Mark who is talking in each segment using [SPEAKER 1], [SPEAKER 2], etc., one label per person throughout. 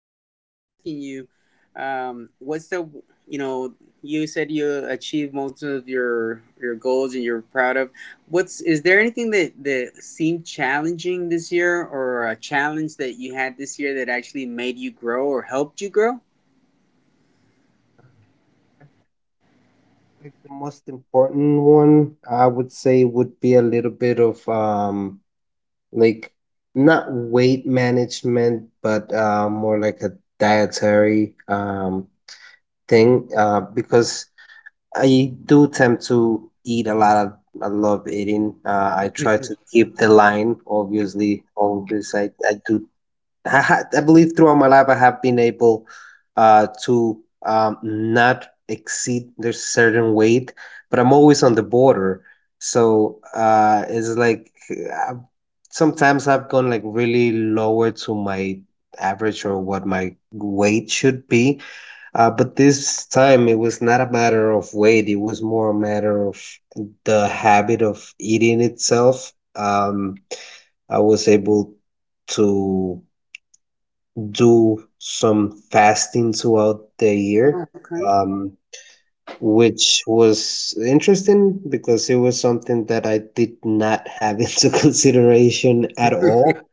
[SPEAKER 1] I was asking you, what's the, you know, you said you achieved most of your goals and you're proud of. What's Is there anything that seemed challenging this year, or a challenge that you had this year that actually made you grow or helped you grow?
[SPEAKER 2] Like the most important one, I would say, would be a little bit of like not weight management, but more like a dietary thing. Because I do tend to eat a lot of, I love eating. I try to keep the line, obviously, always. I believe throughout my life I have been able to not exceed their certain weight, but I'm always on the border. So it's like uh, sometimes I've gone like really lower to my average or what my weight should be. But this time it was not a matter of weight, it was more a matter of the habit of eating itself. I was able to do some fasting throughout the
[SPEAKER 1] Oh,
[SPEAKER 2] year,
[SPEAKER 1] okay,
[SPEAKER 2] um, which was interesting because it was something that I did not have into consideration at all.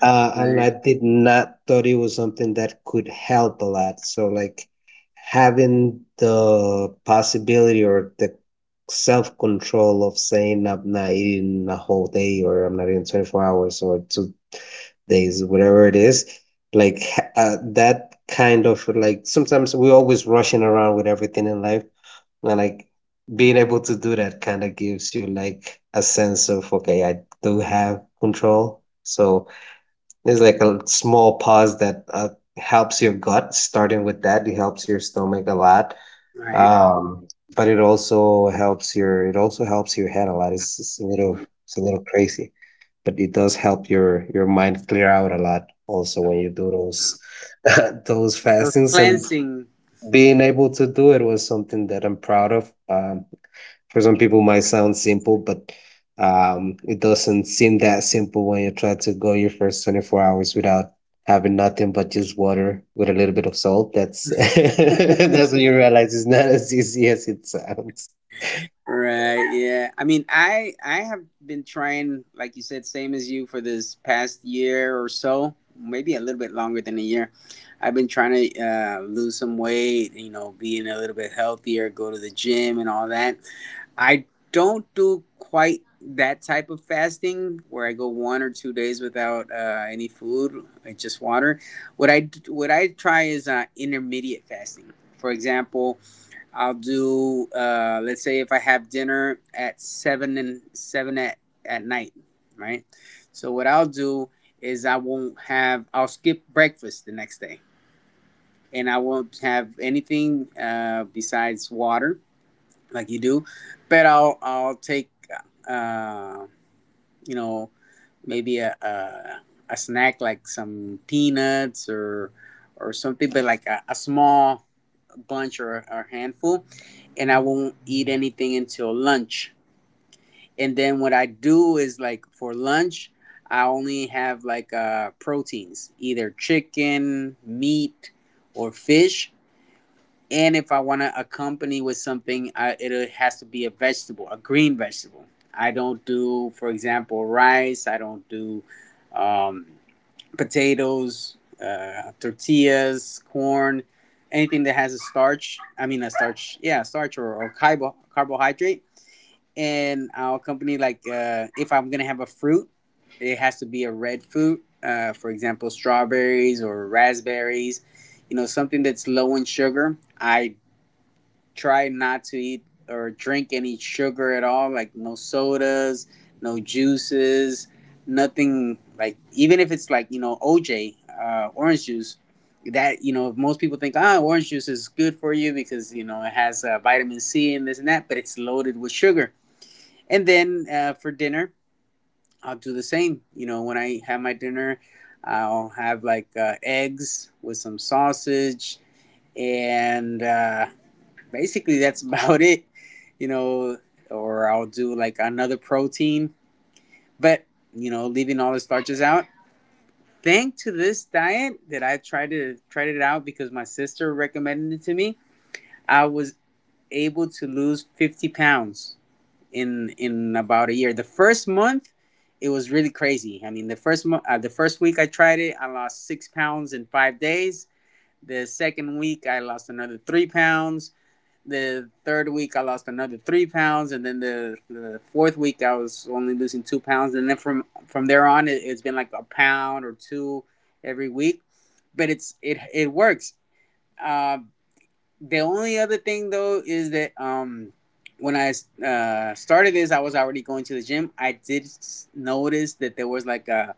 [SPEAKER 2] And
[SPEAKER 1] right,
[SPEAKER 2] I did not thought it was something that could help a lot. So, like, having the possibility or the self control of saying I'm not eating a whole day or I'm not eating 24 hours or to days, whatever it is. Like that kind of like sometimes we're always rushing around with everything in life, and like being able to do that kind of gives you like a sense of okay, I do have control. So there's like a small pause that helps your gut. Starting with that, it helps your stomach a lot.
[SPEAKER 1] right.
[SPEAKER 2] Um, but it also helps your head a lot. It's a little crazy but it does help your mind clear out a lot also when you do those those
[SPEAKER 1] It was
[SPEAKER 2] fastings and
[SPEAKER 1] cleansing.
[SPEAKER 2] being able to do it was something that I'm proud of. For some people might sound simple, but it doesn't seem that simple when you try to go your first 24 hours without having nothing but just water with a little bit of salt. That's that's when you realize it's not as easy as it sounds.
[SPEAKER 1] Right, yeah. I mean, I have been trying, like you said, same as you for this past year or so, maybe a little bit longer than a year. I've been trying to lose some weight, being a little bit healthier, go to the gym and all that. I don't do quite that type of fasting where I go 1 or 2 days without any food, just water. What I try is intermediate fasting. For example, I'll do let's say if I have dinner at 7 and 7 at night, right? So what I'll do is I won't have I'll skip breakfast the next day, and I won't have anything besides water like you do, but I'll take uh, you know maybe a snack like some peanuts or something, but like a small bunch or a handful, and I won't eat anything until lunch. And then what I do is like for lunch, I only have like proteins, either chicken, meat, or fish. And if I want to accompany with something, it has to be a vegetable, a green vegetable. I don't do, for example, rice. I don't do um, potatoes, tortillas, corn, anything that has a starch. I mean, a starch, yeah, starch or carbohydrate. And I'll accompany like if I'm gonna have a fruit, it has to be a red fruit. For example, strawberries or raspberries. Something that's low in sugar. I try not to eat or drink any sugar at all, like no sodas, no juices, nothing like, even if it's like, OJ, orange juice, that, most people think, ah, orange juice is good for you because, it has vitamin C and this and that, but it's loaded with sugar. And then For dinner, I'll do the same. When I have my dinner, I'll have like eggs with some sausage and basically that's about it you know or I'll do like another protein, but leaving all the starches out. Thanks to this diet that I tried to tried it out because my sister recommended it to me, I was able to lose 50 pounds in about a year. The first month, it was really crazy. I mean, the first month, the first week I tried it, I lost 6 pounds in 5 days. The second week, I lost another 3 pounds. The third week, I lost another 3 pounds, and then the fourth week, I was only losing 2 pounds, and then from there on, it's been like a pound or two every week, but it works. Uh, the only other thing, though, is that when I started this, I was already going to the gym. I did notice that there was like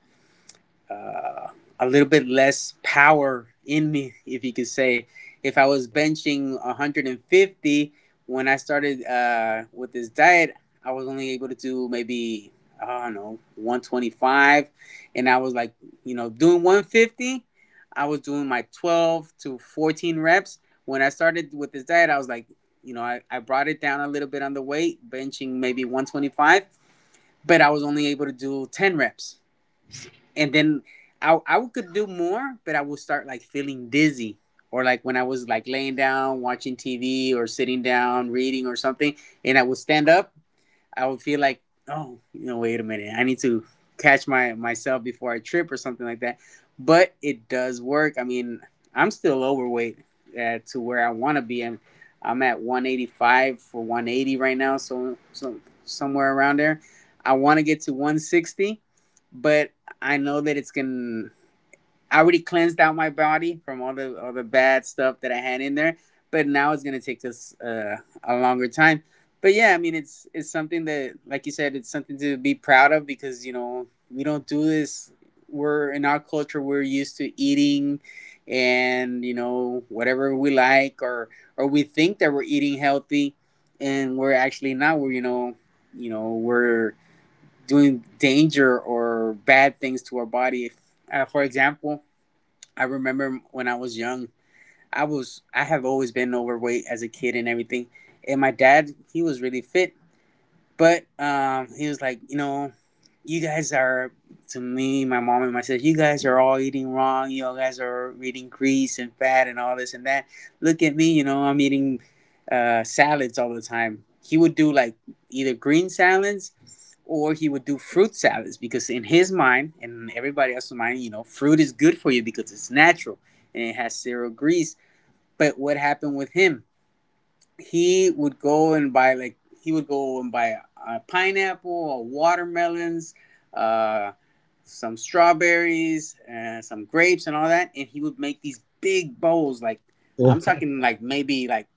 [SPEAKER 1] uh, a little bit less power in me, if you could say. If I was benching 150 when I started with this diet, I was only able to do, maybe I don't know, 125, and I was like, doing 150. I was doing my 12 to 14 reps. When I started with this diet, I was like, I brought it down a little bit on the weight, benching maybe 125, but I was only able to do 10 reps, and then I could do more, but I would start like feeling dizzy, or like when I was like laying down watching TV or sitting down reading or something, and I would stand up, I would feel like, oh, wait a minute, I need to catch my myself before I trip or something like that. But it does work. I mean, I'm still overweight to where I want to be. I'm at 185 for 180 right now, so somewhere around there. I want to get to 160, but I know that it's gonna. I already cleansed out my body from all the bad stuff that I had in there, but now it's gonna take us a longer time. But yeah, I mean, it's something that, like you said, it's something to be proud of because we don't do this. We're in our culture, we're used to eating, and whatever we like, or we think that we're eating healthy, and we're actually not. We're you know we're doing danger or bad things to our body. For example, I remember when I was young, I have always been overweight as a kid and everything. And my dad, he was really fit, but he was like, you guys are, to me, my mom and myself. You guys are all eating wrong. You guys are eating grease and fat and all this and that. Look at me, I'm eating salads all the time. He would do like either green salads, or he would do fruit salads, because in his mind and everybody else's mind, fruit is good for you because it's natural and it has zero grease. But what happened with him? He would go and buy a pineapple, a watermelons, uh, some strawberries, and some grapes, and all that, and he would make these big bowls. Like,
[SPEAKER 2] Yeah,
[SPEAKER 1] I'm talking like maybe like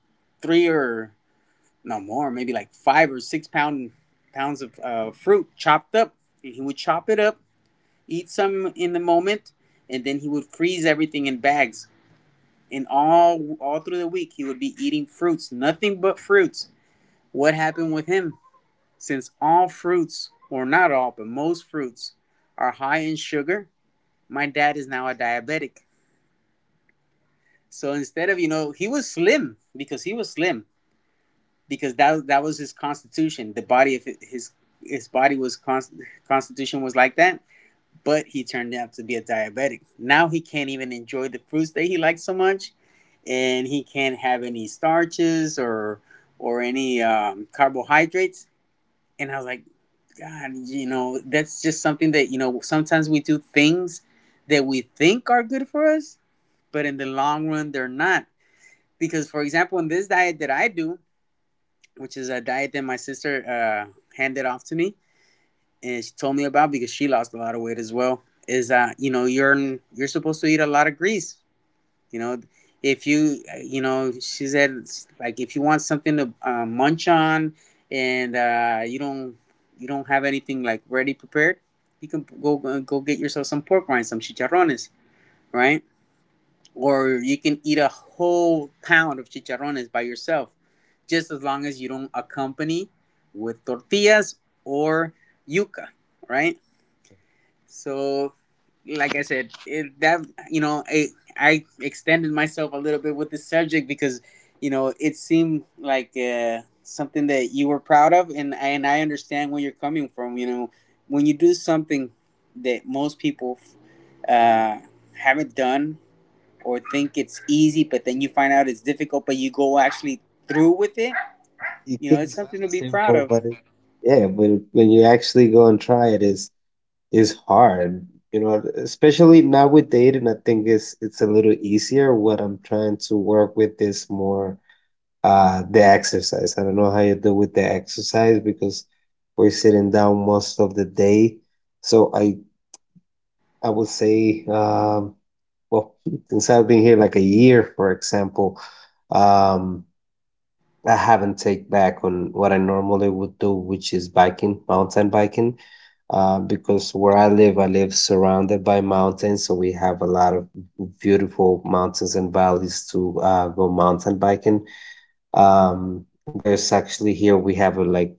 [SPEAKER 1] three, or no, more, maybe like five or six pounds of fruit chopped up. And he would chop it up, eat some in the moment, and then he would freeze everything in bags. And all through the week, he would be eating fruits, nothing but fruits. What happened with him? Since all fruits, or not all, but most fruits, are high in sugar, my dad is now a diabetic. So instead of, you know, he was slim because that was his constitution. The body of his body was const- constitution was like that, but he turned out to be a diabetic. Now he can't even enjoy the fruits that he likes so much, and he can't have any starches or any carbohydrates. And I was like, God, that's just something that, sometimes we do things that we think are good for us, but in the long run, they're not. Because, for example, in this diet that I do, which is a diet that my sister uh, handed off to me and she told me about because she lost a lot of weight as well, is, you're supposed to eat a lot of grease. You know, if you you know, she said, like, if you want something to munch on and you don't have anything like ready prepared, you can go get yourself some pork rinds, some chicharrones, right? Or you can eat a whole pound of chicharrones by yourself, just as long as you don't accompany with tortillas or yuca, right? So, like I said, it, that you know, I extended myself a little bit with the subject because it seemed like something that you were proud of, and I understand where you're coming from. When you do something that most people uh, haven't done or think it's easy, but then you find out it's difficult, but you go actually through with it.
[SPEAKER 2] it
[SPEAKER 1] You
[SPEAKER 2] 'cause
[SPEAKER 1] know,
[SPEAKER 2] it
[SPEAKER 1] it's something to
[SPEAKER 2] sounds
[SPEAKER 1] be proud
[SPEAKER 2] simple,
[SPEAKER 1] of.
[SPEAKER 2] but it, yeah, but when you actually go and try it, it's is hard, you know, especially now with dating. I think it's a little easier. What I'm trying to work with is more the exercise. I don't know how you do with the exercise, because we're sitting down most of the day. So I would say, well, since I've been here like a year, for example, um I haven't take back on what I normally would do, which is biking, mountain biking. Because where I live surrounded by mountains, so we have a lot of beautiful mountains and valleys to go mountain biking. There's actually here we have a like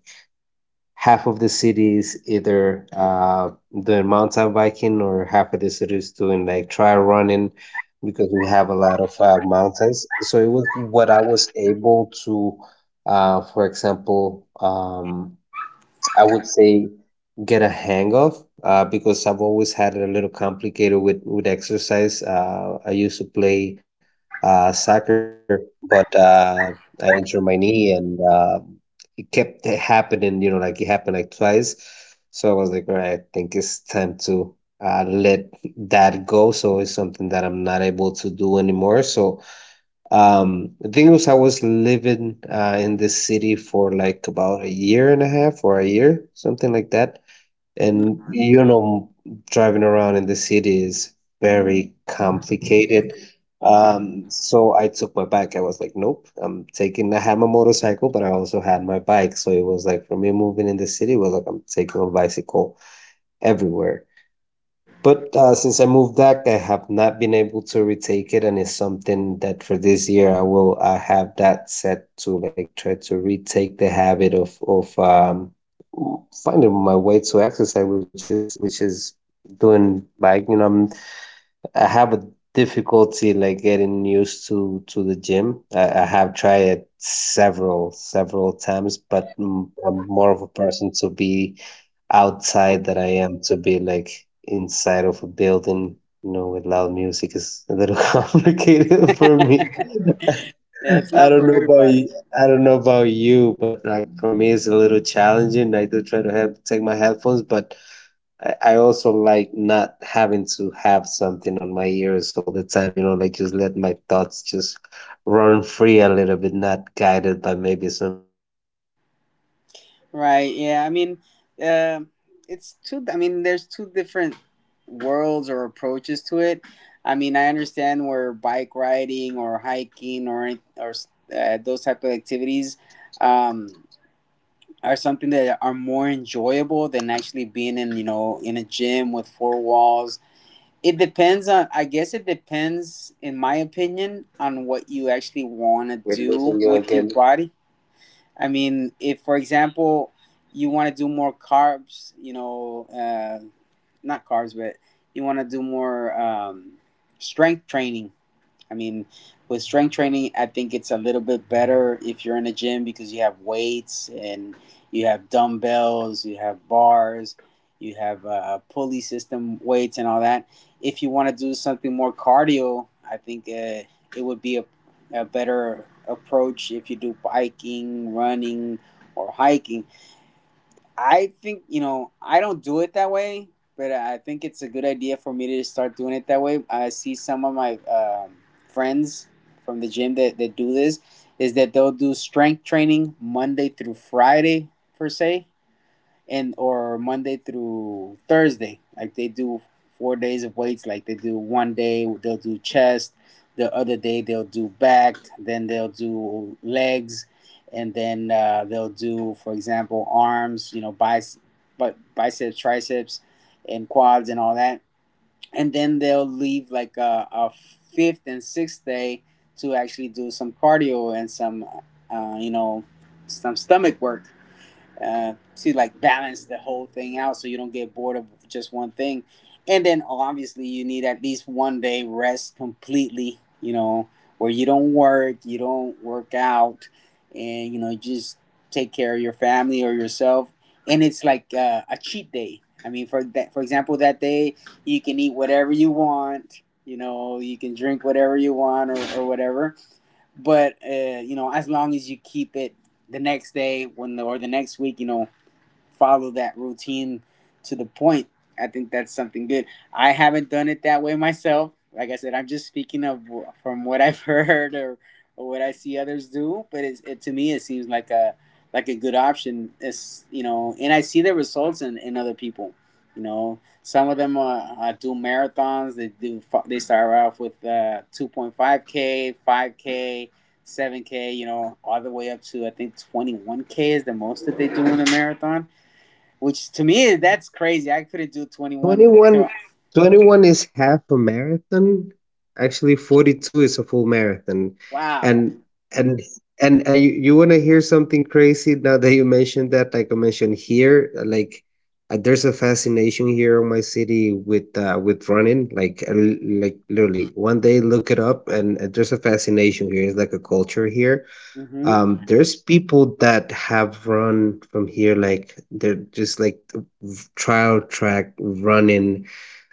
[SPEAKER 2] half of the city is either doing mountain biking or half of the city is doing like trail running, because we have a lot of mountains. So it was what I was able to, for example, I would say get a hang of, because I've always had it a little complicated with exercise. I used to play soccer, but I injured my knee and kept happening, you know, like it happened like twice. So I was like, all right, I think it's time to let that go. So it's something that I'm not able to do anymore. So the thing was, I was living in this city for like about a year and a half or a year, something like that.
[SPEAKER 1] Hmm.
[SPEAKER 2] And you know, driving around in the city is very complicated. So I took my bike. I was like, nope, I'm taking, I had my motorcycle, but I also had my bike. So it was like, for me, moving in the city was like, I'm taking a bicycle everywhere. But since I moved back, I have not been able to retake it, and it's something that for this year I will, I have that set to like try to retake the habit of finding my way to exercise, which is doing bike. You know, I have a difficulty like getting used to the gym. I have tried it several times, but I'm more of a person to be outside that I am to be like inside of a building, you know, with loud music is a little complicated for me.
[SPEAKER 1] Yeah, it's
[SPEAKER 2] I
[SPEAKER 1] not
[SPEAKER 2] don't
[SPEAKER 1] for
[SPEAKER 2] know about
[SPEAKER 1] everybody.
[SPEAKER 2] you, I don't know about you, but like for me it's a little challenging. I do try to have take my headphones, but I also like not having to have something on my ears all the time, you know, like just let my thoughts just run free a little bit, not guided by maybe some music or, what is
[SPEAKER 1] Right. Yeah.
[SPEAKER 2] going
[SPEAKER 1] I
[SPEAKER 2] on
[SPEAKER 1] mean,
[SPEAKER 2] around.
[SPEAKER 1] uh, it's two. I mean, there's two different worlds or approaches to it. I mean, I understand where bike riding or hiking or those type of activities um, are something that are more enjoyable than actually being in in a gym with four walls. It depends on. I guess it depends, in my opinion, on what you actually want to
[SPEAKER 2] We are losing
[SPEAKER 1] do
[SPEAKER 2] you
[SPEAKER 1] with your
[SPEAKER 2] again.
[SPEAKER 1] body. I mean, if, for example, you want to do more carbs, not carbs, but you want to do more strength training, I mean, with strength training, I think it's a little bit better if you're in a gym because you have weights and you have dumbbells, you have bars, you have pulley system weights and all that. If you want to do something more cardio, I think it would be a better approach if you do biking, running, or hiking. I think I don't do it that way, but I think it's a good idea for me to start doing it that way. I see some of my friends from the gym that do this, is that they'll do strength training Monday through Friday per se, and or Monday through Thursday. Like they do 4 days of weights. Like they do one day they'll do chest, the other day they'll do back, then they'll do legs, and then they'll do, for example, arms. You know, biceps, but biceps, triceps, and quads and all that. And then they'll leave like a fifth and sixth day to actually do some cardio and some, you know, some stomach work to like balance the whole thing out so you don't get bored of just one thing. And then obviously you need at least one day rest completely, you know, where you don't work out, and you know, just take care of your family or yourself. And it's like a cheat day. I mean, for that, for example, that day you can eat whatever you want, you know, you can drink whatever you want or whatever. But you know, as long as you keep it the next day when the, or the next week, you know, follow that routine to the point. I think that's something good. I haven't done it that way myself. Like I said, I'm just speaking of from what I've heard or what I see others do. But it's, it to me, it seems like a good option. It's you know, and I see the results in other people. You know, some of them do marathons. They do. They start off with 2.5K, 5K, 7K. You know, all the way up to I think 21K is the most that they do in a marathon, which to me, that's crazy. I couldn't do 21.
[SPEAKER 2] 21, 21 is half a marathon. Actually, 42 is a full marathon.
[SPEAKER 1] Wow.
[SPEAKER 2] And and and you want to hear something crazy now that you mentioned that? Like I mentioned here, there's a fascination here in my city with running. Like literally, one day look it up, and there's a fascination here. It's like a culture here,
[SPEAKER 1] Mm-hmm.
[SPEAKER 2] there's people that have run from here, like they're just like trial track running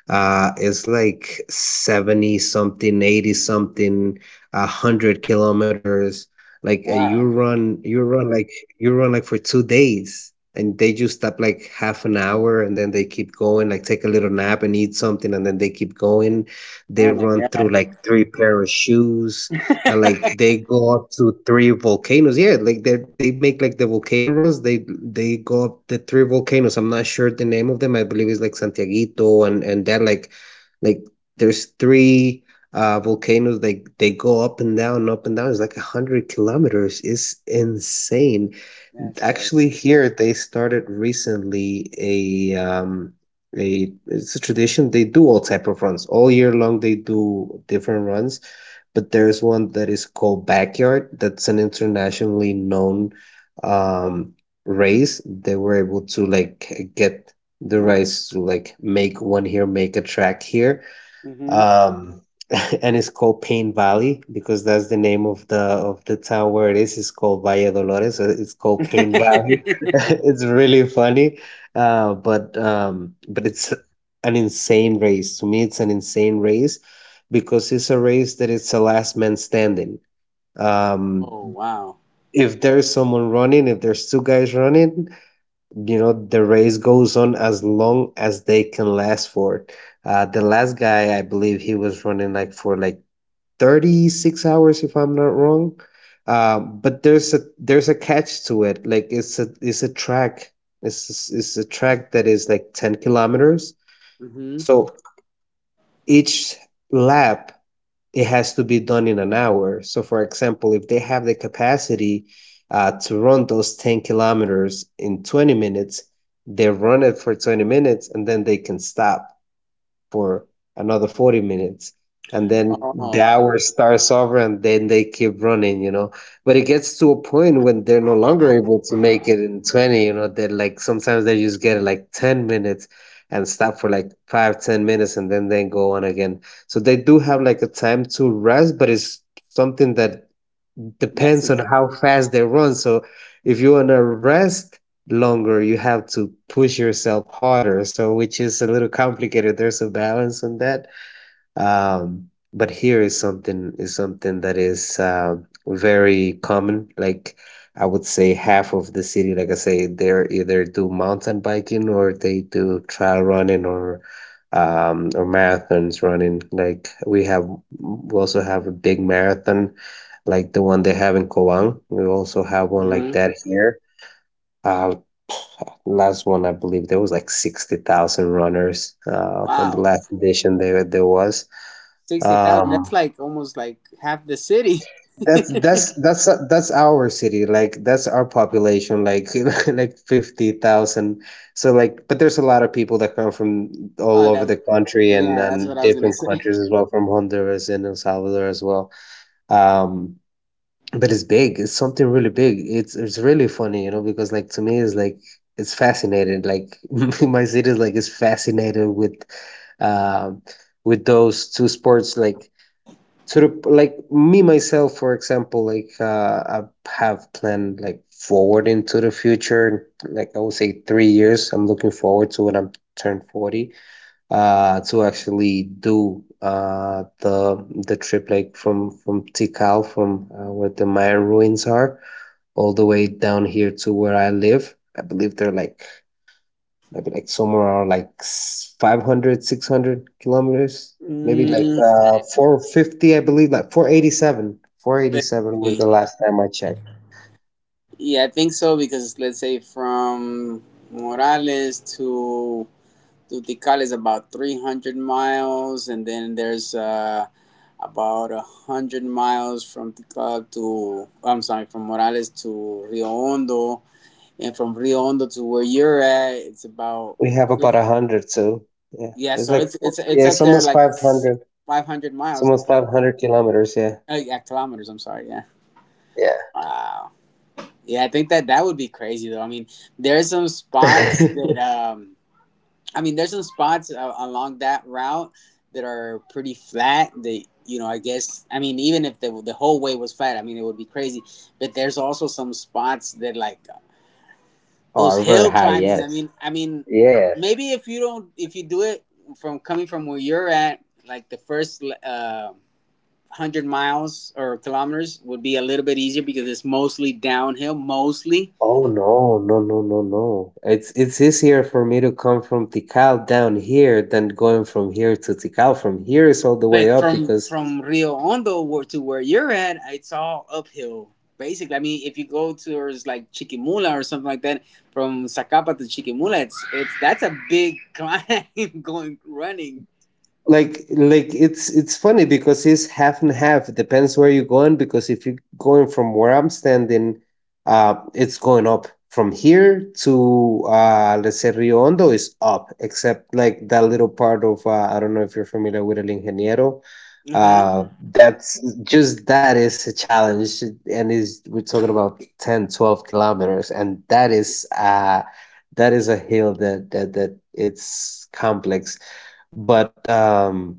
[SPEAKER 2] is like 70 something, 80 something, a hundred kilometers. You
[SPEAKER 1] Wow.
[SPEAKER 2] run like for 2 days and they just stop like half an hour and then they keep going, like take a little nap and eat something and then they keep going. They
[SPEAKER 1] Oh my
[SPEAKER 2] run through
[SPEAKER 1] god.
[SPEAKER 2] like three pair of shoes and like they go up to three volcanoes. Yeah, like they make like the volcano runs. They go up the three volcanoes. I'm not sure the name of them. I believe it's like Santiaguito and that like like there's three volcanoes. Like they go up and down, up and down. It's like a hundred kilometers. It's insane.
[SPEAKER 1] That's great.
[SPEAKER 2] Actually, here they started recently a it's a tradition. They do all type of runs all year long. They do different runs, but there's one that is called Backyard. That's an internationally known um, race. They were able to like get the rights to like make one here, make a track here,
[SPEAKER 1] Mm-hmm.
[SPEAKER 2] um, and it's called Pain Valley because that's the name of the town where it is. It's called Valle Dolores. So it's called Pain Valley. It's really funny, but it's an insane race. To me, it's an insane race because it's a race that it's a last man standing. Um,
[SPEAKER 1] Oh wow.
[SPEAKER 2] if there's someone running, if there's two guys running, you know the race goes on as long as they can last for it. The last guy, I believe he was running like for like 36 hours, if I'm not wrong. But there's a catch to it. Like it's a track, it's a track that is like 10 kilometers,
[SPEAKER 1] Mm-hmm.
[SPEAKER 2] so each lap it has to be done in an hour. So, for example, if they have the capacity to run those 10 kilometers in 20 minutes, they run it for 20 minutes and then they can stop for another 40 minutes and then the
[SPEAKER 1] Oh, okay.
[SPEAKER 2] hour starts over and then they keep running, you know. But it gets to a point when they're no longer able to make it in 20, you know, they're like sometimes they just get like 10 minutes and stop for like 5, 10 minutes and then they go on again. So they do have like a time to rest, but it's something that
[SPEAKER 1] That's
[SPEAKER 2] depends
[SPEAKER 1] it.
[SPEAKER 2] on how fast they run. So if you want to rest longer, you have to push yourself harder. So which is a little complicated. There's a balance on that. Um, but here is something that is very common. Like I would say half of the city, like I say, they're either do mountain biking or they do trail running or marathons running. Like we have we also have a big marathon like the one they have in Koang. We also have one like
[SPEAKER 1] Mm-hmm.
[SPEAKER 2] that here. Uh, Last one, I believe there was like 60,000 runners on the
[SPEAKER 1] Wow.
[SPEAKER 2] last edition there was.
[SPEAKER 1] 60,000. That's
[SPEAKER 2] Um,
[SPEAKER 1] like almost like half the city.
[SPEAKER 2] that's our city. Like that's our population like like 50,000. But there's a lot of people that come from all
[SPEAKER 1] Oh,
[SPEAKER 2] over
[SPEAKER 1] that.
[SPEAKER 2] the country and
[SPEAKER 1] Yeah, that's what I was gonna
[SPEAKER 2] different
[SPEAKER 1] say.
[SPEAKER 2] countries as well, from Honduras and El Salvador as well. Um But it's big. It's something really big. It's really funny, you know, because like to me it's like it's fascinated. Like my city is fascinated um with those two sports, like me myself, for example. Like, I have planned like forward into the future. Like I would say 3 years, I'm looking forward to when I'm turned 40, to actually do the trip, like from Tikal, from where the Maya ruins are, all the way down here to where I live. I believe they're like maybe like somewhere around like 500, 600 kilometers, maybe like
[SPEAKER 1] Mm,
[SPEAKER 2] 450, I believe, like 487.
[SPEAKER 1] let's
[SPEAKER 2] 487 were
[SPEAKER 1] see.
[SPEAKER 2] the last time I checked.
[SPEAKER 1] Yeah, I think so, because let's say from Morales to Tutical is about 300 miles, and then there's about 100 miles from Tikal to, I'm sorry, from Morales to Rio Hondo, and from Rio Hondo to where you're at, it's about,
[SPEAKER 2] We have about 100, so yeah,
[SPEAKER 1] yeah,
[SPEAKER 2] it's
[SPEAKER 1] so
[SPEAKER 2] like,
[SPEAKER 1] it's
[SPEAKER 2] yeah,
[SPEAKER 1] up
[SPEAKER 2] it's
[SPEAKER 1] there
[SPEAKER 2] almost
[SPEAKER 1] like
[SPEAKER 2] 500.
[SPEAKER 1] 500 miles,
[SPEAKER 2] Kilometers, yeah.
[SPEAKER 1] yeah, kilometers, I'm sorry, yeah. Wow. Yeah, I think that that would be crazy though. I mean, there's some spots
[SPEAKER 2] Yeah.
[SPEAKER 1] that I mean, there's some spots along that route that are pretty flat. That you know, I guess. I mean, even if the whole way was flat, I mean, it would be crazy. But there's also some spots that like those
[SPEAKER 2] Are very
[SPEAKER 1] hill
[SPEAKER 2] high,
[SPEAKER 1] climbings.
[SPEAKER 2] yes.
[SPEAKER 1] I mean,
[SPEAKER 2] Yes.
[SPEAKER 1] maybe if you don't, if you do it from coming from where you're at, like the first 100 miles or kilometers would be a little bit easier because it's mostly downhill, mostly.
[SPEAKER 2] Oh, no, no, no, no, no. It's easier for me to come from Tikal down here than going from here to Tikal. From here is all the way
[SPEAKER 1] But
[SPEAKER 2] up,
[SPEAKER 1] from
[SPEAKER 2] because
[SPEAKER 1] from Rio Hondo where, to where you're at, it's all uphill. Basically, I mean, if you go towards like Chiquimula or something like that, from Zacapa to Chiquimula, it's that's a big climb going running.
[SPEAKER 2] like it's funny, because it's half and half. It depends where you're going, because if you're going from where I'm standing, it's going up from here to, let's say Rio Hondo is up, except like that little part of, I don't know if you're familiar with El Ingeniero,
[SPEAKER 1] Uh-huh.
[SPEAKER 2] uh that's just that is a challenge, and is we're talking about 10, 12 kilometers, and that is a hill that it's complex. But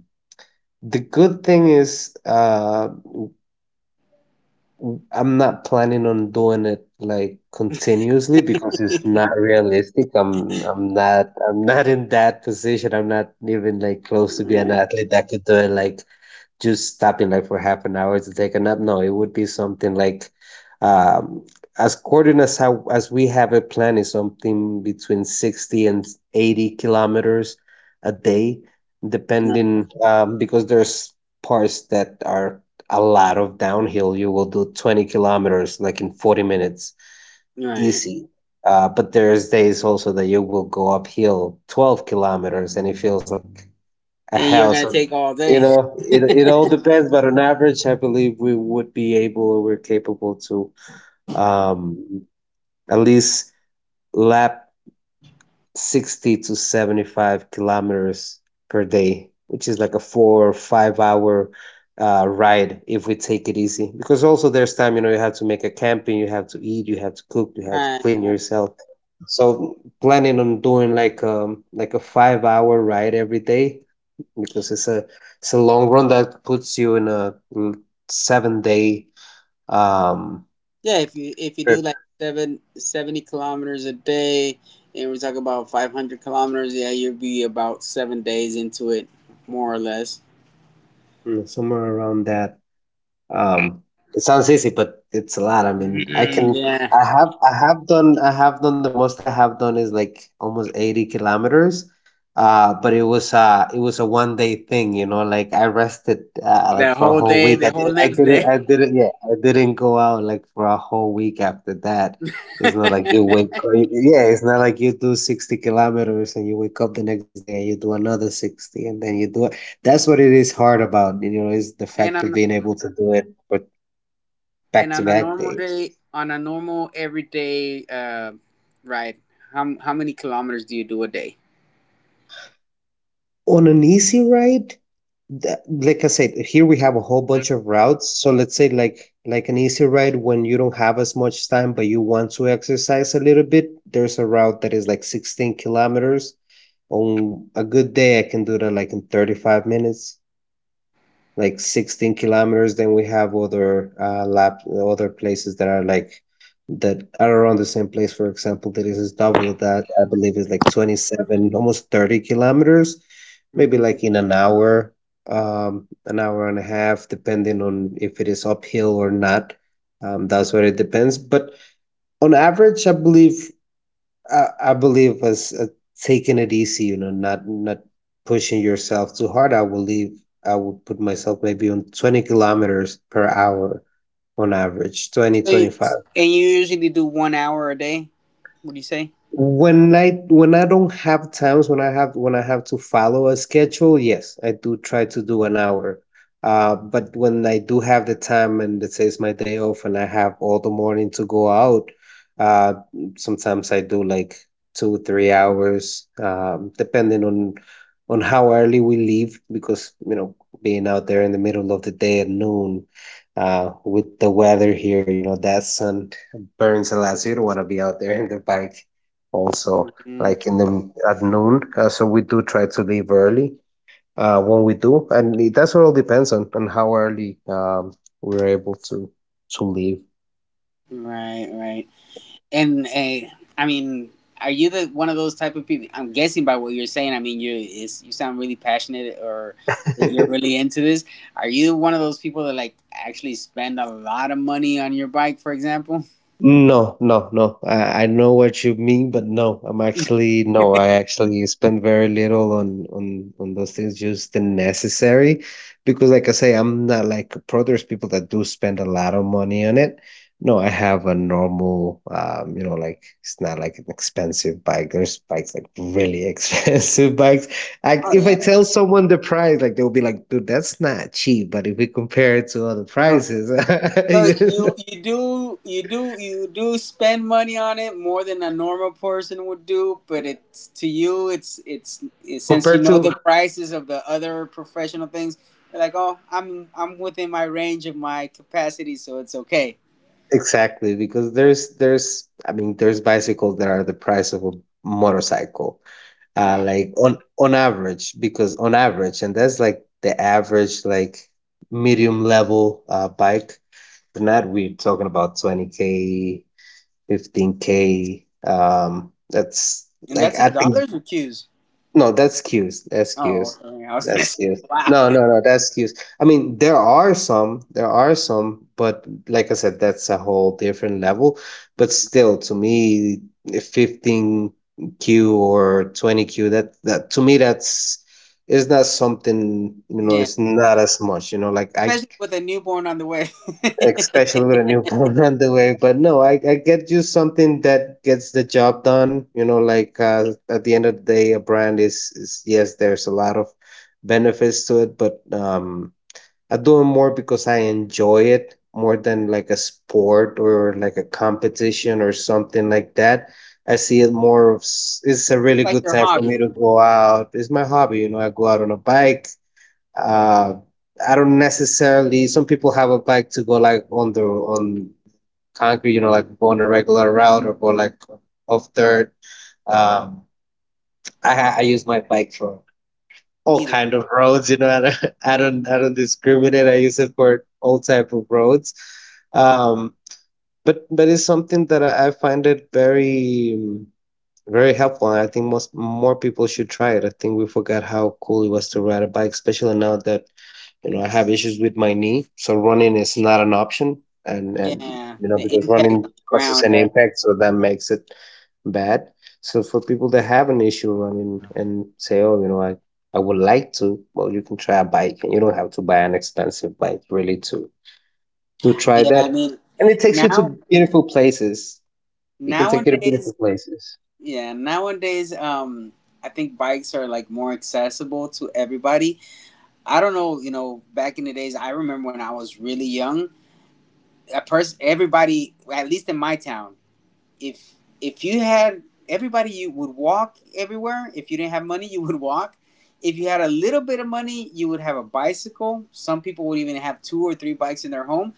[SPEAKER 2] the good thing is, I'm not planning on doing it like continuously, because it's not realistic. I'm not in that position. I'm not even like close to being an
[SPEAKER 1] Right,
[SPEAKER 2] athlete that could do it, like just stopping like for half an hour to take a nap. No, it would be something like um, as according as how as we have it planned, is something between 60 and 80 kilometers a day,
[SPEAKER 1] right,
[SPEAKER 2] depending, because there's parts that are a lot of downhill. You will do 20 kilometers like in 40 minutes,
[SPEAKER 1] right.
[SPEAKER 2] easy. But there's days also that you will go uphill 12 kilometers, and it feels like a
[SPEAKER 1] And you're
[SPEAKER 2] house.
[SPEAKER 1] gonna
[SPEAKER 2] Um,
[SPEAKER 1] take all
[SPEAKER 2] You
[SPEAKER 1] day.
[SPEAKER 2] know, it it all depends, but on average, I believe we would be able, or we're capable to um at least lap 60 to 75 kilometers per day, which is like a 4 or 5 hour ride if we take it easy. Because also there's time, you have to make a camping, you have to eat, you have to cook, you have to
[SPEAKER 1] Right,
[SPEAKER 2] clean
[SPEAKER 1] right.
[SPEAKER 2] yourself. So, planning on doing like a 5 hour ride every day, because it's a long run that puts you in a 7 day um
[SPEAKER 1] Yeah, if you do
[SPEAKER 2] trip,
[SPEAKER 1] like seventy kilometers a day, and we're talking about 500 kilometers, yeah, you'll be about 7 days into it, more or less.
[SPEAKER 2] somewhere around that. Um, it sounds easy, but it's a lot. I mean,
[SPEAKER 1] Mm, yeah,
[SPEAKER 2] I have done. The most I have done is like almost 80 kilometers. But it was a one day thing, you know, like I rested, like
[SPEAKER 1] the
[SPEAKER 2] for a
[SPEAKER 1] whole
[SPEAKER 2] whole
[SPEAKER 1] day,
[SPEAKER 2] week. I
[SPEAKER 1] the whole
[SPEAKER 2] did I
[SPEAKER 1] next
[SPEAKER 2] didn't,
[SPEAKER 1] day,
[SPEAKER 2] I didn't, yeah, I didn't go out like for a whole week after that. It's not like yeah, it's not like you do 60 kilometers and you wake up the next day and you do another 60, and then you do that's what it is hard about, you know, is the
[SPEAKER 1] and
[SPEAKER 2] fact of
[SPEAKER 1] on
[SPEAKER 2] being able to do it for back
[SPEAKER 1] and
[SPEAKER 2] to
[SPEAKER 1] on a
[SPEAKER 2] back
[SPEAKER 1] normal
[SPEAKER 2] days.
[SPEAKER 1] day, on a normal everyday ride, how many kilometers do you do a day?
[SPEAKER 2] On an easy ride, that, like I said, here we have a whole bunch of routes. So let's say like an easy ride when you don't have as much time but you want to exercise a little bit, there's a route that is like 16 kilometers. On a good day, I can do that like in 35 minutes. Like 16 kilometers. Then we have other, lap other places that are that are around the same place. For example, that is double. That, I believe, is like 27, almost 30 kilometers, maybe
[SPEAKER 1] Hmm
[SPEAKER 2] like in an hour, an hour and a half, depending on if it is uphill or not. That's what it depends. But on average, I believe was, taking it easy, you know, not pushing yourself too hard. I will leave. I would put myself maybe on 20 kilometers per hour on average, twenty
[SPEAKER 1] So
[SPEAKER 2] twenty
[SPEAKER 1] you,
[SPEAKER 2] five.
[SPEAKER 1] and you usually do one hour a day. What do you say?
[SPEAKER 2] When I, when I don't have times, when I have to follow a schedule, yes, I do try to do an hour, but when I do have the time, and let's say it's my day off and I have all the morning to go out, uh, sometimes I do like 2, 3 hours, depending on how early we leave, because you know being out there in the middle of the day at noon, with the weather here, you know that sun burns a lot, so you don't want to be out there in the bike also,
[SPEAKER 1] Hmm
[SPEAKER 2] like in the at noon, so we do try to leave early, when we do, and that's what all depends on, how early we're able to leave.
[SPEAKER 1] Right, right. And I mean, are you the one of those type of people? I'm guessing by what you're saying. I mean, you is you sound really passionate or that you're really into this. Are you one of those people that like actually spend a lot of money on your bike, for example?
[SPEAKER 2] No, no, no. I know what you mean, but no, I'm actually, no, I actually spend very little on those things, just the necessary, because like I say, I'm not like pro. There's people that do spend a lot of money on it. No, I have a normal, like it's not like an expensive bike. There's bikes like really expensive bikes. Like, if I
[SPEAKER 1] Oh
[SPEAKER 2] tell someone the price, like they'll be like, "Dude, that's not cheap." But if we compare it to other
[SPEAKER 1] yeah.
[SPEAKER 2] prices,
[SPEAKER 1] So
[SPEAKER 2] you know?
[SPEAKER 1] you do you do you do spend money on it more than a normal person would do, but it's to you it's it, since you
[SPEAKER 2] Compared
[SPEAKER 1] know
[SPEAKER 2] to...
[SPEAKER 1] the prices of the other professional things, you're like, oh, I'm within my range of my capacity, so it's okay.
[SPEAKER 2] exactly, because there's I mean there's bicycles that are the price of a motorcycle,
[SPEAKER 1] Wow,
[SPEAKER 2] like on average, because on average, and that's like the average, like medium level, bike. But not, we're talking about 20K, 15K. That's
[SPEAKER 1] and
[SPEAKER 2] like,
[SPEAKER 1] that's in
[SPEAKER 2] I think,
[SPEAKER 1] dollars or cues.
[SPEAKER 2] no, that's cues. That's
[SPEAKER 1] Oh,
[SPEAKER 2] cues.
[SPEAKER 1] okay. I was gonna
[SPEAKER 2] That's
[SPEAKER 1] say,
[SPEAKER 2] cues.
[SPEAKER 1] wow,
[SPEAKER 2] No, no, no, that's cues. I mean, there are some, but like I said, that's a whole different level. But still, to me, 15 Q or 20 Q, that to me, that's is not something,
[SPEAKER 1] yeah,
[SPEAKER 2] it's not as much, like I,
[SPEAKER 1] especially with a newborn on the way. It's
[SPEAKER 2] especially with a newborn on the way. But no, I get you something that gets the job done. At the end of the day, a brand is, yes, there's a lot of benefits to it, but I do it more because I enjoy it more than like a sport or like a competition or something like that. I see it more of it's a really
[SPEAKER 1] like
[SPEAKER 2] good
[SPEAKER 1] your
[SPEAKER 2] time for me
[SPEAKER 1] hobby,
[SPEAKER 2] to go out. It's my hobby. I go out on a bike, uh, I don't necessarily. Some people have a bike to go like on the on concrete, like go on a regular route or go like off dirt. Um, I use my bike for all
[SPEAKER 1] either.
[SPEAKER 2] kind of roads. I don't I don't discriminate. I use it for all type of roads. Um, but it's something that I find it very, very helpful, and I think most more people should try it. I think we forgot how cool it was to ride a bike, especially now that, I have issues with my knee, so running is not an option. And
[SPEAKER 1] Yeah, the
[SPEAKER 2] because
[SPEAKER 1] impact
[SPEAKER 2] running
[SPEAKER 1] on the
[SPEAKER 2] causes
[SPEAKER 1] ground.
[SPEAKER 2] an impact, so that makes it bad. So for people that have an issue running and say, "Oh, you know, I would like to," well, you can try a bike, and you don't have to buy an expensive bike really to try
[SPEAKER 1] Yeah, I
[SPEAKER 2] that.
[SPEAKER 1] mean,
[SPEAKER 2] And it takes you
[SPEAKER 1] now
[SPEAKER 2] to beautiful places. It can take you to
[SPEAKER 1] Nowadays,
[SPEAKER 2] beautiful places.
[SPEAKER 1] yeah, nowadays, I think bikes are like more accessible to everybody. I don't know, you know, back in the days, I remember when I was really young, a person, everybody, at least in my town, if if you had everybody, you would walk everywhere. If you didn't have money, you would walk. If you had a little bit of money, you would have a bicycle. Some people would even have 2 or 3 bikes in their home.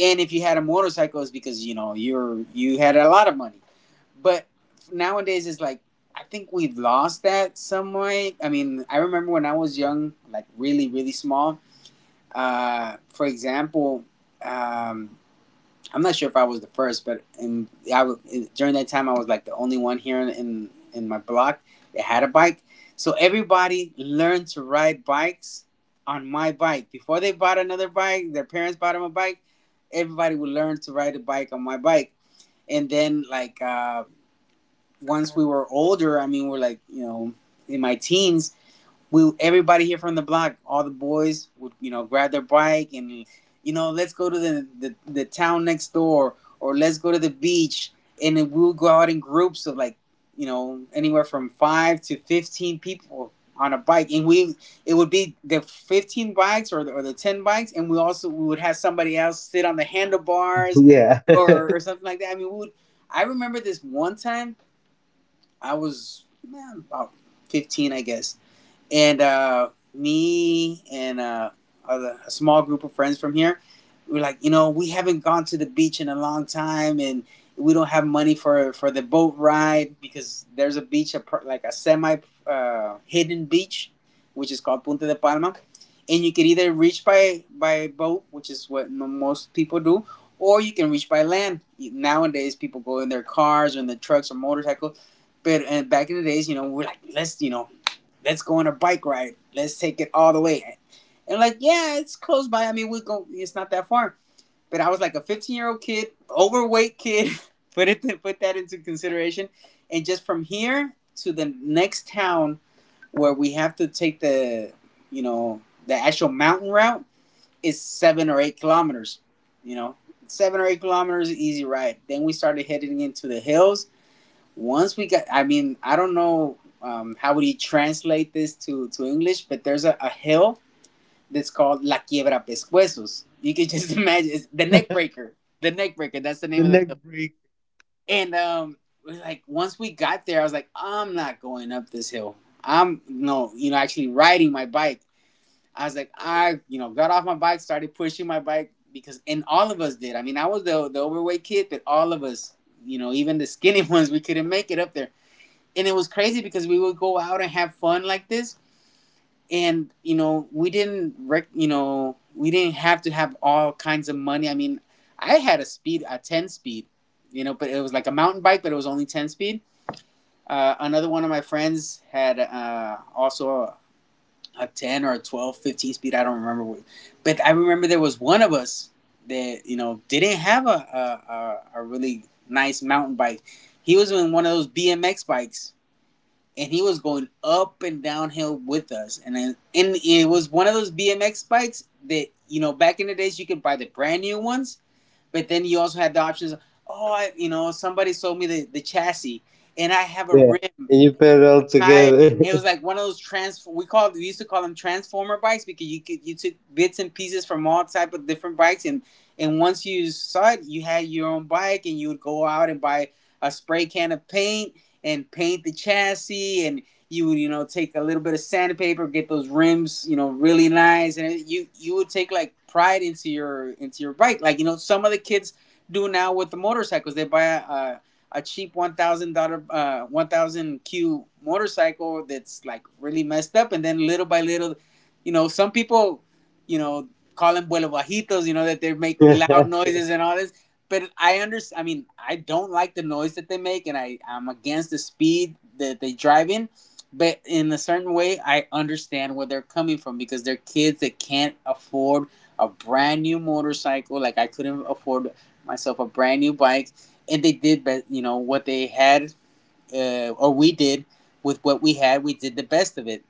[SPEAKER 1] And if you had a motorcycle, it's because you know you're you had a lot of money. But nowadays it's like I think we've lost that somewhat. I mean, I remember when I was young, like really, really small. For example, um, I'm not sure if I was the first, but in, I, during that time, I was like the only one here in, in my block that had a bike. So everybody learned to ride bikes on my bike before they bought another bike. Their parents bought them a bike. Everybody would learn to ride a bike on my bike, and then like. Once we were older, I mean, we're like, you know, in my teens, we everybody here from the block, all the boys would, you know, grab their bike and, you know, let's go to the, the town next door, or let's go to the beach. And then we will go out in groups of like, you know, anywhere from five to 15 people on a bike. And we, it would be the 15 bikes or the 10 bikes. And we also, we would have somebody else sit on the handlebars
[SPEAKER 2] Yeah.
[SPEAKER 1] or something like that. I mean, we would, I remember this one time I was man, about 15, I guess, and me and other, a small group of friends from here, we're like, you know, we haven't gone to the beach in a long time, and we don't have money for the boat ride because there's a beach, a, like a semi hidden beach, which is called Punta de Palma, and you can either reach by boat, which is what no, most people do, or you can reach by land. Nowadays, people go in their cars or in their trucks or motorcycles. But and back in the days, you know, we're like, let's, you know, let's go on a bike ride. Let's take it all the way. And like, yeah, it's close by. I mean, we go. It's not that far. But I was like a 15-year-old kid, overweight kid. Put it put that into consideration. And just from here to the next town where we have to take the, you know, the actual mountain route is 7 or 8 kilometers. You know, 7 or 8 kilometers, easy ride. Then we started heading into the hills once we got, I mean, I don't know how would you translate this to English, but there's a hill that's called La Quiebra Pescuezos. You could just imagine it's the neck
[SPEAKER 2] The
[SPEAKER 1] breaker, the neck breaker. That's the name of the
[SPEAKER 2] neck
[SPEAKER 1] hill.
[SPEAKER 2] break.
[SPEAKER 1] And like once we got there, I was like, I'm not going up this hill. I'm no, you know, actually riding my bike. I was like, I, you know, got off my bike, started pushing my bike because, and all of us did. I mean, I was the overweight kid, but all of us, even the skinny ones, we couldn't make it up there, and it was crazy because we would go out and have fun like this. And you know we didn't rec- you know we didn't have to have all kinds of money. I mean, I had a 10 speed, but it was like a mountain bike, but it was only 10 speed. Another one of my friends had also a 10, or a 12, 15 speed. I don't remember what, but I remember there was one of us that didn't have a really nice mountain bike. He was in one of those bmx bikes, and he was going up and downhill with us. And it was one of those BMX bikes that, back in the days, you could buy the brand new ones, but then you also had the options. Oh, somebody sold me the chassis, and I have a
[SPEAKER 2] Yeah.
[SPEAKER 1] rim.
[SPEAKER 2] And you
[SPEAKER 1] I'm
[SPEAKER 2] pedal
[SPEAKER 1] tired.
[SPEAKER 2] together.
[SPEAKER 1] It was like one of those trans. We used to call them transformer bikes because you took bits and pieces from all type of different bikes. And once you saw it, you had your own bike, and you would go out and buy a spray can of paint and paint the chassis. And you would, take a little bit of sandpaper, get those rims really nice, and you would take, like, pride into your bike, like, some of the kids do now with the motorcycles. They buy a cheap $1,000 1,000 Q motorcycle that's, like, really messed up. And then, little by little, some people, you know, call them vuelo bajitos, that they make loud noises and all this. But I understand. I mean, I don't like the noise that they make, and I'm against the speed that they drive in. But in a certain way, I understand where they're coming from because they're kids that can't afford a brand new motorcycle. Like I couldn't afford myself a brand new bike, and they did what they had, or we did with what we had. We did the best of it,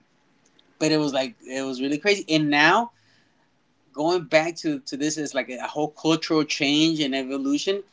[SPEAKER 1] but it was like it was really crazy. And now, going back to this, is like a whole cultural change and evolution.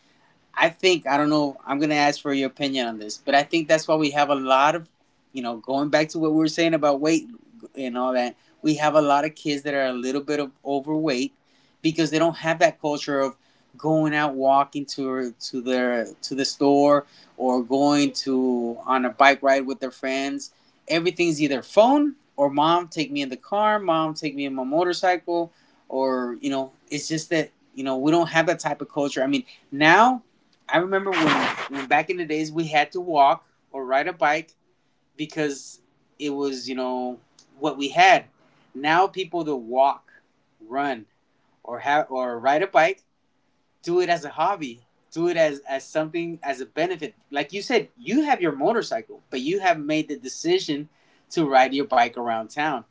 [SPEAKER 1] I think, I don't know, I'm gonna ask for your opinion on this, but I think that's why we have a lot of, going back to what we were saying about weight and all that, we have a lot of kids that are a little bit of overweight because they don't have that culture of going out walking to the store, or going to on a bike ride with their friends. Everything's either phone, or mom take me in the car, mom take me in my motorcycle, or, it's just that we don't have that type of culture. I mean, now I remember when back in the days, we had to walk or ride a bike because it was, what we had. Now, people that walk, run, or have or ride a bike do it as a hobby, do it as something, as a benefit. Like you said, you have your motorcycle, but you have made the decision to ride your bike around town.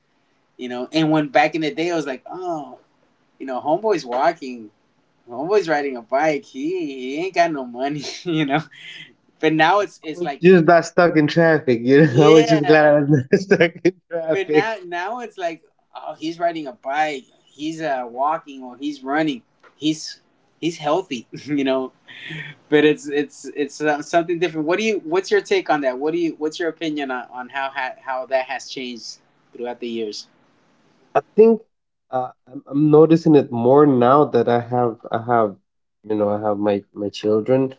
[SPEAKER 1] And when, back in the day, I was like, oh, homeboy's walking, homeboy's riding a bike, he ain't got no money, But now it's
[SPEAKER 2] Was
[SPEAKER 1] like,
[SPEAKER 2] just not stuck in traffic. I was just glad I
[SPEAKER 1] yeah.
[SPEAKER 2] was not stuck in
[SPEAKER 1] But
[SPEAKER 2] traffic.
[SPEAKER 1] now it's like, oh, he's riding a bike, he's walking, or he's running, he's he's healthy, But it's something different. What's your take on that? What's your opinion on how how that has changed throughout the years?
[SPEAKER 2] I think, I'm noticing it more now that I have you know I have my my children,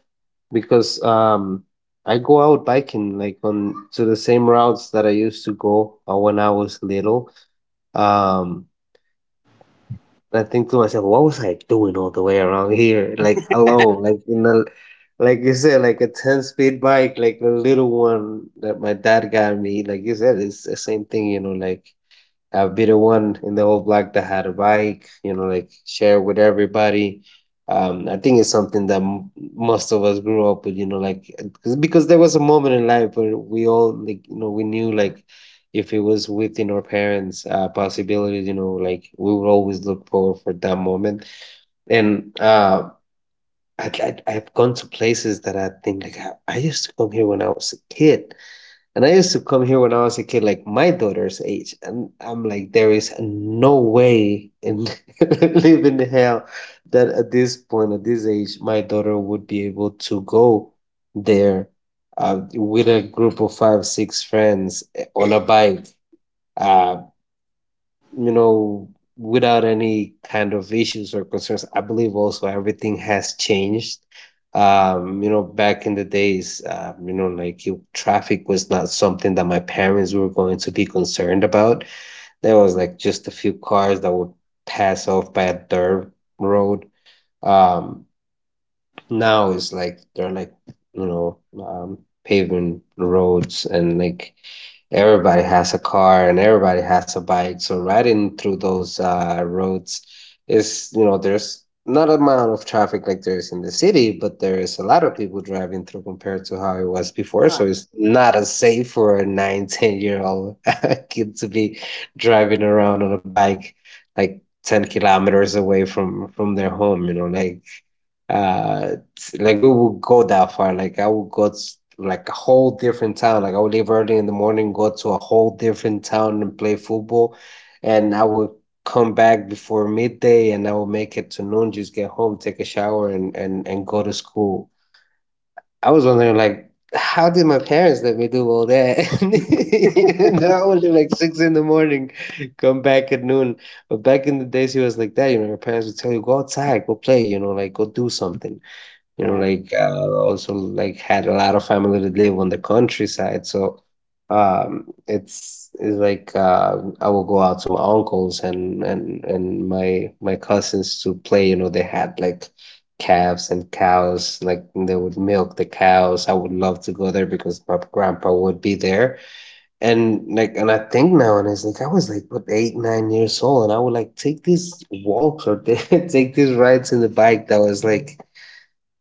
[SPEAKER 2] because I go out biking like on to the same routes that I used to go, when I was little. Um, And I think to myself, what was I doing all the way around here, like alone, like you said, like a ten speed bike, like the little one that my dad got me. Like you said, it's the same thing, like I'll be the one in the whole block that had a bike, like share with everybody. I think it's something that most of us grew up with, like because there was a moment in life where we all like, we knew like if it was within our parents' possibilities, like we would always look forward for that moment. And I've gone to places that I think like I used to come here when I was a kid, and I used to come here when I was a kid, like my daughter's age, and I'm like, there is no way in living hell that at this point, at this age, my daughter would be able to go there with a group of five, six friends on a bike. Uh, you know, without any kind of issues or concerns. I believe also everything has changed. Back in the days, like you, traffic was not something that my parents were going to be concerned about. There was like just a few cars that would pass off by a dirt road. Um, now it's like they're like, you know, um, paving roads, and like everybody has a car and everybody has a bike. So riding through those roads is, there's not a amount of traffic like there is in the city, but there is a lot of people driving through compared to how it was before.
[SPEAKER 1] Oh,
[SPEAKER 2] So it's not as safe for a nine, 10-year-old old kid to be driving around on a bike like 10 kilometers away from their home, uh like we would go that far. Like I would go to like a whole different town. Like I would leave early in the morning, go to a whole different town and play football, and I would come back before midday, and I would make it to noon, just get home, take a shower, and go to school. I was wondering like, how did my parents let me do all that? Now I would leave like 6 in the morning, come back at noon. But back in the days, it was like that. Your parents would tell you, "Go outside, go play. You know, like go do something." you know
[SPEAKER 1] right.
[SPEAKER 2] like uh, also like, had a lot of family that live on the countryside, so it's like I will go out to my uncles and my cousins to play. They had like calves and cows, like they would milk the cows. I would love to go there because my grandpa would be there. And like, and I think now, and it's like, I was like, what, 8, 9 years old, and I would like take these walks or take these rides in the bike that was like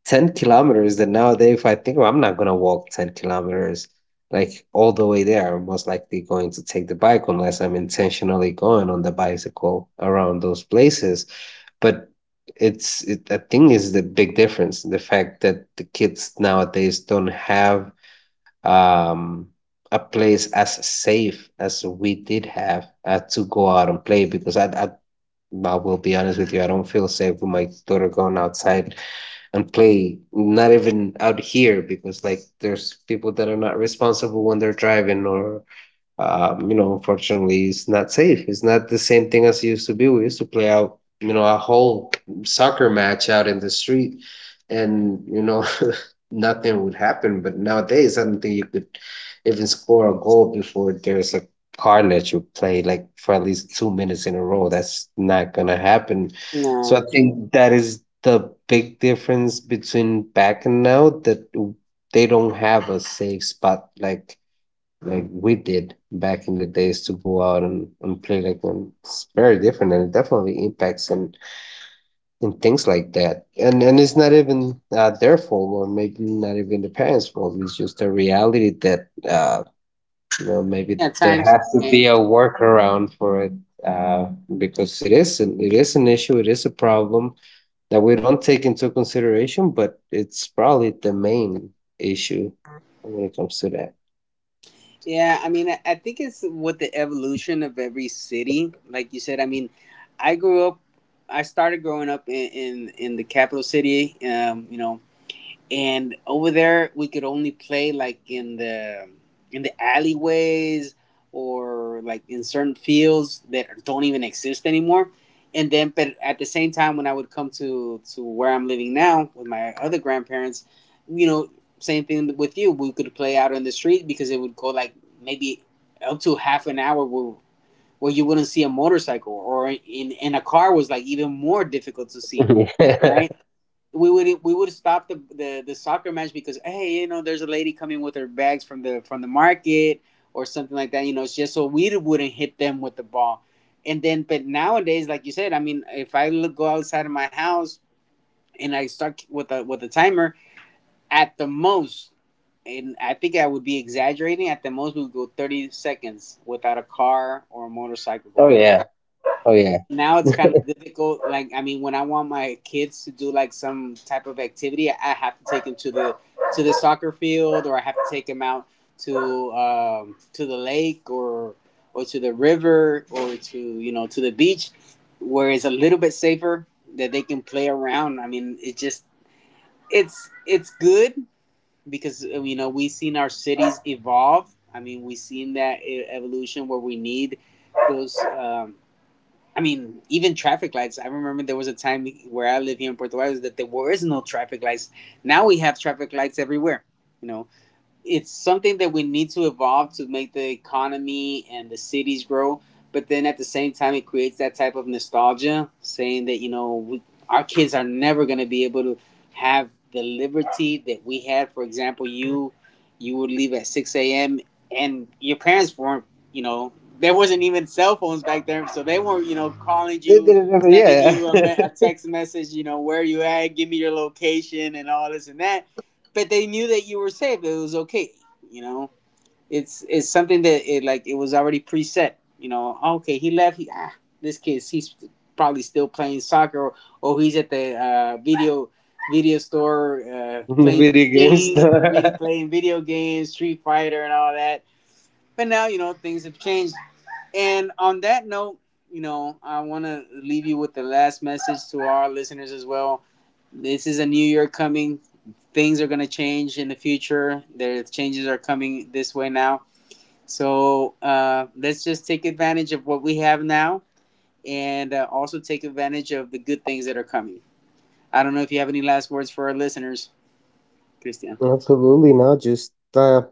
[SPEAKER 2] 10 kilometers, that nowadays, if I think, well, I'm not going to walk 10 kilometers like all the way there, I'm most likely going to take the bike unless I'm intentionally going on the bicycle around those places. But it, I think, is the big difference, the fact that the kids nowadays don't have um a place as safe as we did have to go out and play, because I will be honest with you, I don't feel safe with my daughter going outside and play, not even out here because like there's people that are not responsible when they're driving, or unfortunately, it's not safe. It's not the same thing as it used to be. We used to play out, a whole soccer match out in the street, and nothing would happen. But nowadays, I don't think you could even score a goal before there's a card that you play like for at least 2 minutes in a row. That's not gonna happen. So I
[SPEAKER 1] No.
[SPEAKER 2] think that is the big difference between back and now, that they don't have a safe spot like we did back in the days to go out and play like them. It's very different, and it definitely impacts and things like that. And it's not even their fault, or maybe not even the parents' fault. It's just a reality that maybe
[SPEAKER 1] Yeah,
[SPEAKER 2] there
[SPEAKER 1] times have
[SPEAKER 2] has to be a
[SPEAKER 1] changed.
[SPEAKER 2] workaround for it. Uh, because it is it is an issue, it is a problem that we don't take into consideration, but it's probably the main issue when it comes to that.
[SPEAKER 1] Yeah, I mean, I think it's with the evolution of every city. Like you said, I mean, I grew up, I started growing up in the capital city. And over there, we could only play, like, in the alleyways, or like in certain fields that don't even exist anymore. And then, but at the same time, when I would come to where I'm living now with my other grandparents, you know same thing with you. We could play out on the street because it would go, like, maybe up to half an hour where you wouldn't see a motorcycle, or in a car was, like, even more difficult to see, right? We would stop the soccer match because, hey, there's a lady coming with her bags from the market or something like that, it's just so we wouldn't hit them with the ball. And then, but nowadays, like you said, I mean, if I look go outside of my house and I start with a timer, at the most, and I think I would be exaggerating, at the most, we would go 30 seconds without a car or a motorcycle
[SPEAKER 2] Oh
[SPEAKER 1] going.
[SPEAKER 2] yeah. Oh yeah.
[SPEAKER 1] Now, it's kind of difficult. Like, I mean, when I want my kids to do, like, some type of activity, I have to take them to the soccer field, or I have to take them out to the lake, or to the river, or to you know to the beach, where it's a little bit safer that they can play around. I mean, it just it's good because, we've seen our cities evolve. I mean, we've seen that evolution where we need those. I mean, even traffic lights. I remember there was a time where I live here in Puerto Vallarta that there was no traffic lights. Now we have traffic lights everywhere. You know, it's something that we need, to evolve, to make the economy and the cities grow. But then, at the same time, it creates that type of nostalgia, saying that, our kids are never going to be able to have the liberty that we had. For example, you would leave at 6 a.m. and your parents weren't, you know, there wasn't even cell phones back then, so they weren't, calling you, sending
[SPEAKER 2] Yeah.
[SPEAKER 1] you a text message, where you at, give me your location, and all this and that. But they knew that you were safe. It was okay. You know, it's something that it was already preset. Oh, okay, he left. This kid, he's probably still playing soccer, or, he's at the video store,
[SPEAKER 2] The
[SPEAKER 1] playing
[SPEAKER 2] video games.
[SPEAKER 1] games, really playing video games, Street Fighter, and all that. But now, things have changed. And on that note, I want to leave you with the last message to our listeners as well. This is a new year coming. Things are going to change in the future. The changes are coming this way now. So, let's just take advantage of what we have now, and, also take advantage of the good things that are coming. I don't know if you have any last words for our listeners, Christian.
[SPEAKER 2] Absolutely not. Just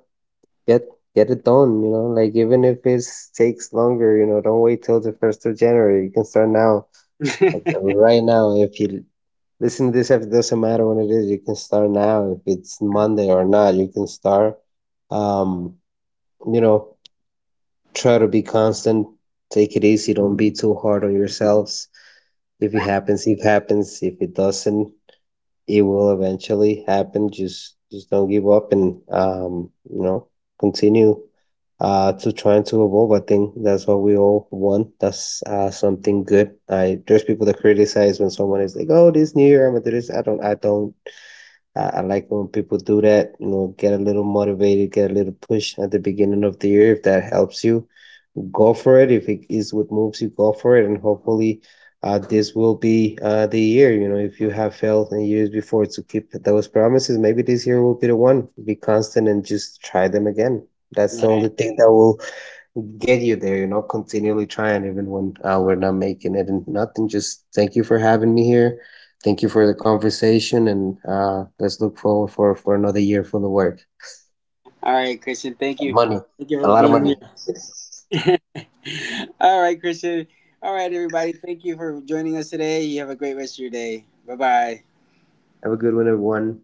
[SPEAKER 2] get get it done. Even if it takes longer, don't wait till the first of January. You can start now, like right now. If you listen to this, if it doesn't matter when it is, you can start now. If it's Monday or not, you can start. Um, you know, try to be constant. Take it easy. Don't be too hard on yourselves. If it happens, it happens. If it doesn't, it will eventually happen. Just don't give up, and continue to trying to evolve. I think that's what we all want. That's something good. I There's people that criticize when someone is like, "Oh, this new year I'm gonna do this." I don't I don't I like when people do that, get a little motivated, get a little push at the beginning of the year if that helps you go for it. If it is what moves you, go for it. And hopefully, this will be the year. If you have failed in years before to keep those promises, maybe this year will be the one. Be constant and just try them again. That's the
[SPEAKER 1] All
[SPEAKER 2] only
[SPEAKER 1] right.
[SPEAKER 2] thing that will get you there. Continually trying, even when we're not making it and nothing. Just thank you for having me here. Thank you for the conversation, and let's look forward for another year full of work,
[SPEAKER 1] All right, Christian. Thank you.
[SPEAKER 2] money,
[SPEAKER 1] Thank you
[SPEAKER 2] a
[SPEAKER 1] for
[SPEAKER 2] lot of
[SPEAKER 1] being
[SPEAKER 2] money.
[SPEAKER 1] here. All right, Christian. All right, everybody. Thank you for joining us today. You have a great rest of your day. Bye bye.
[SPEAKER 2] Have a good one, everyone.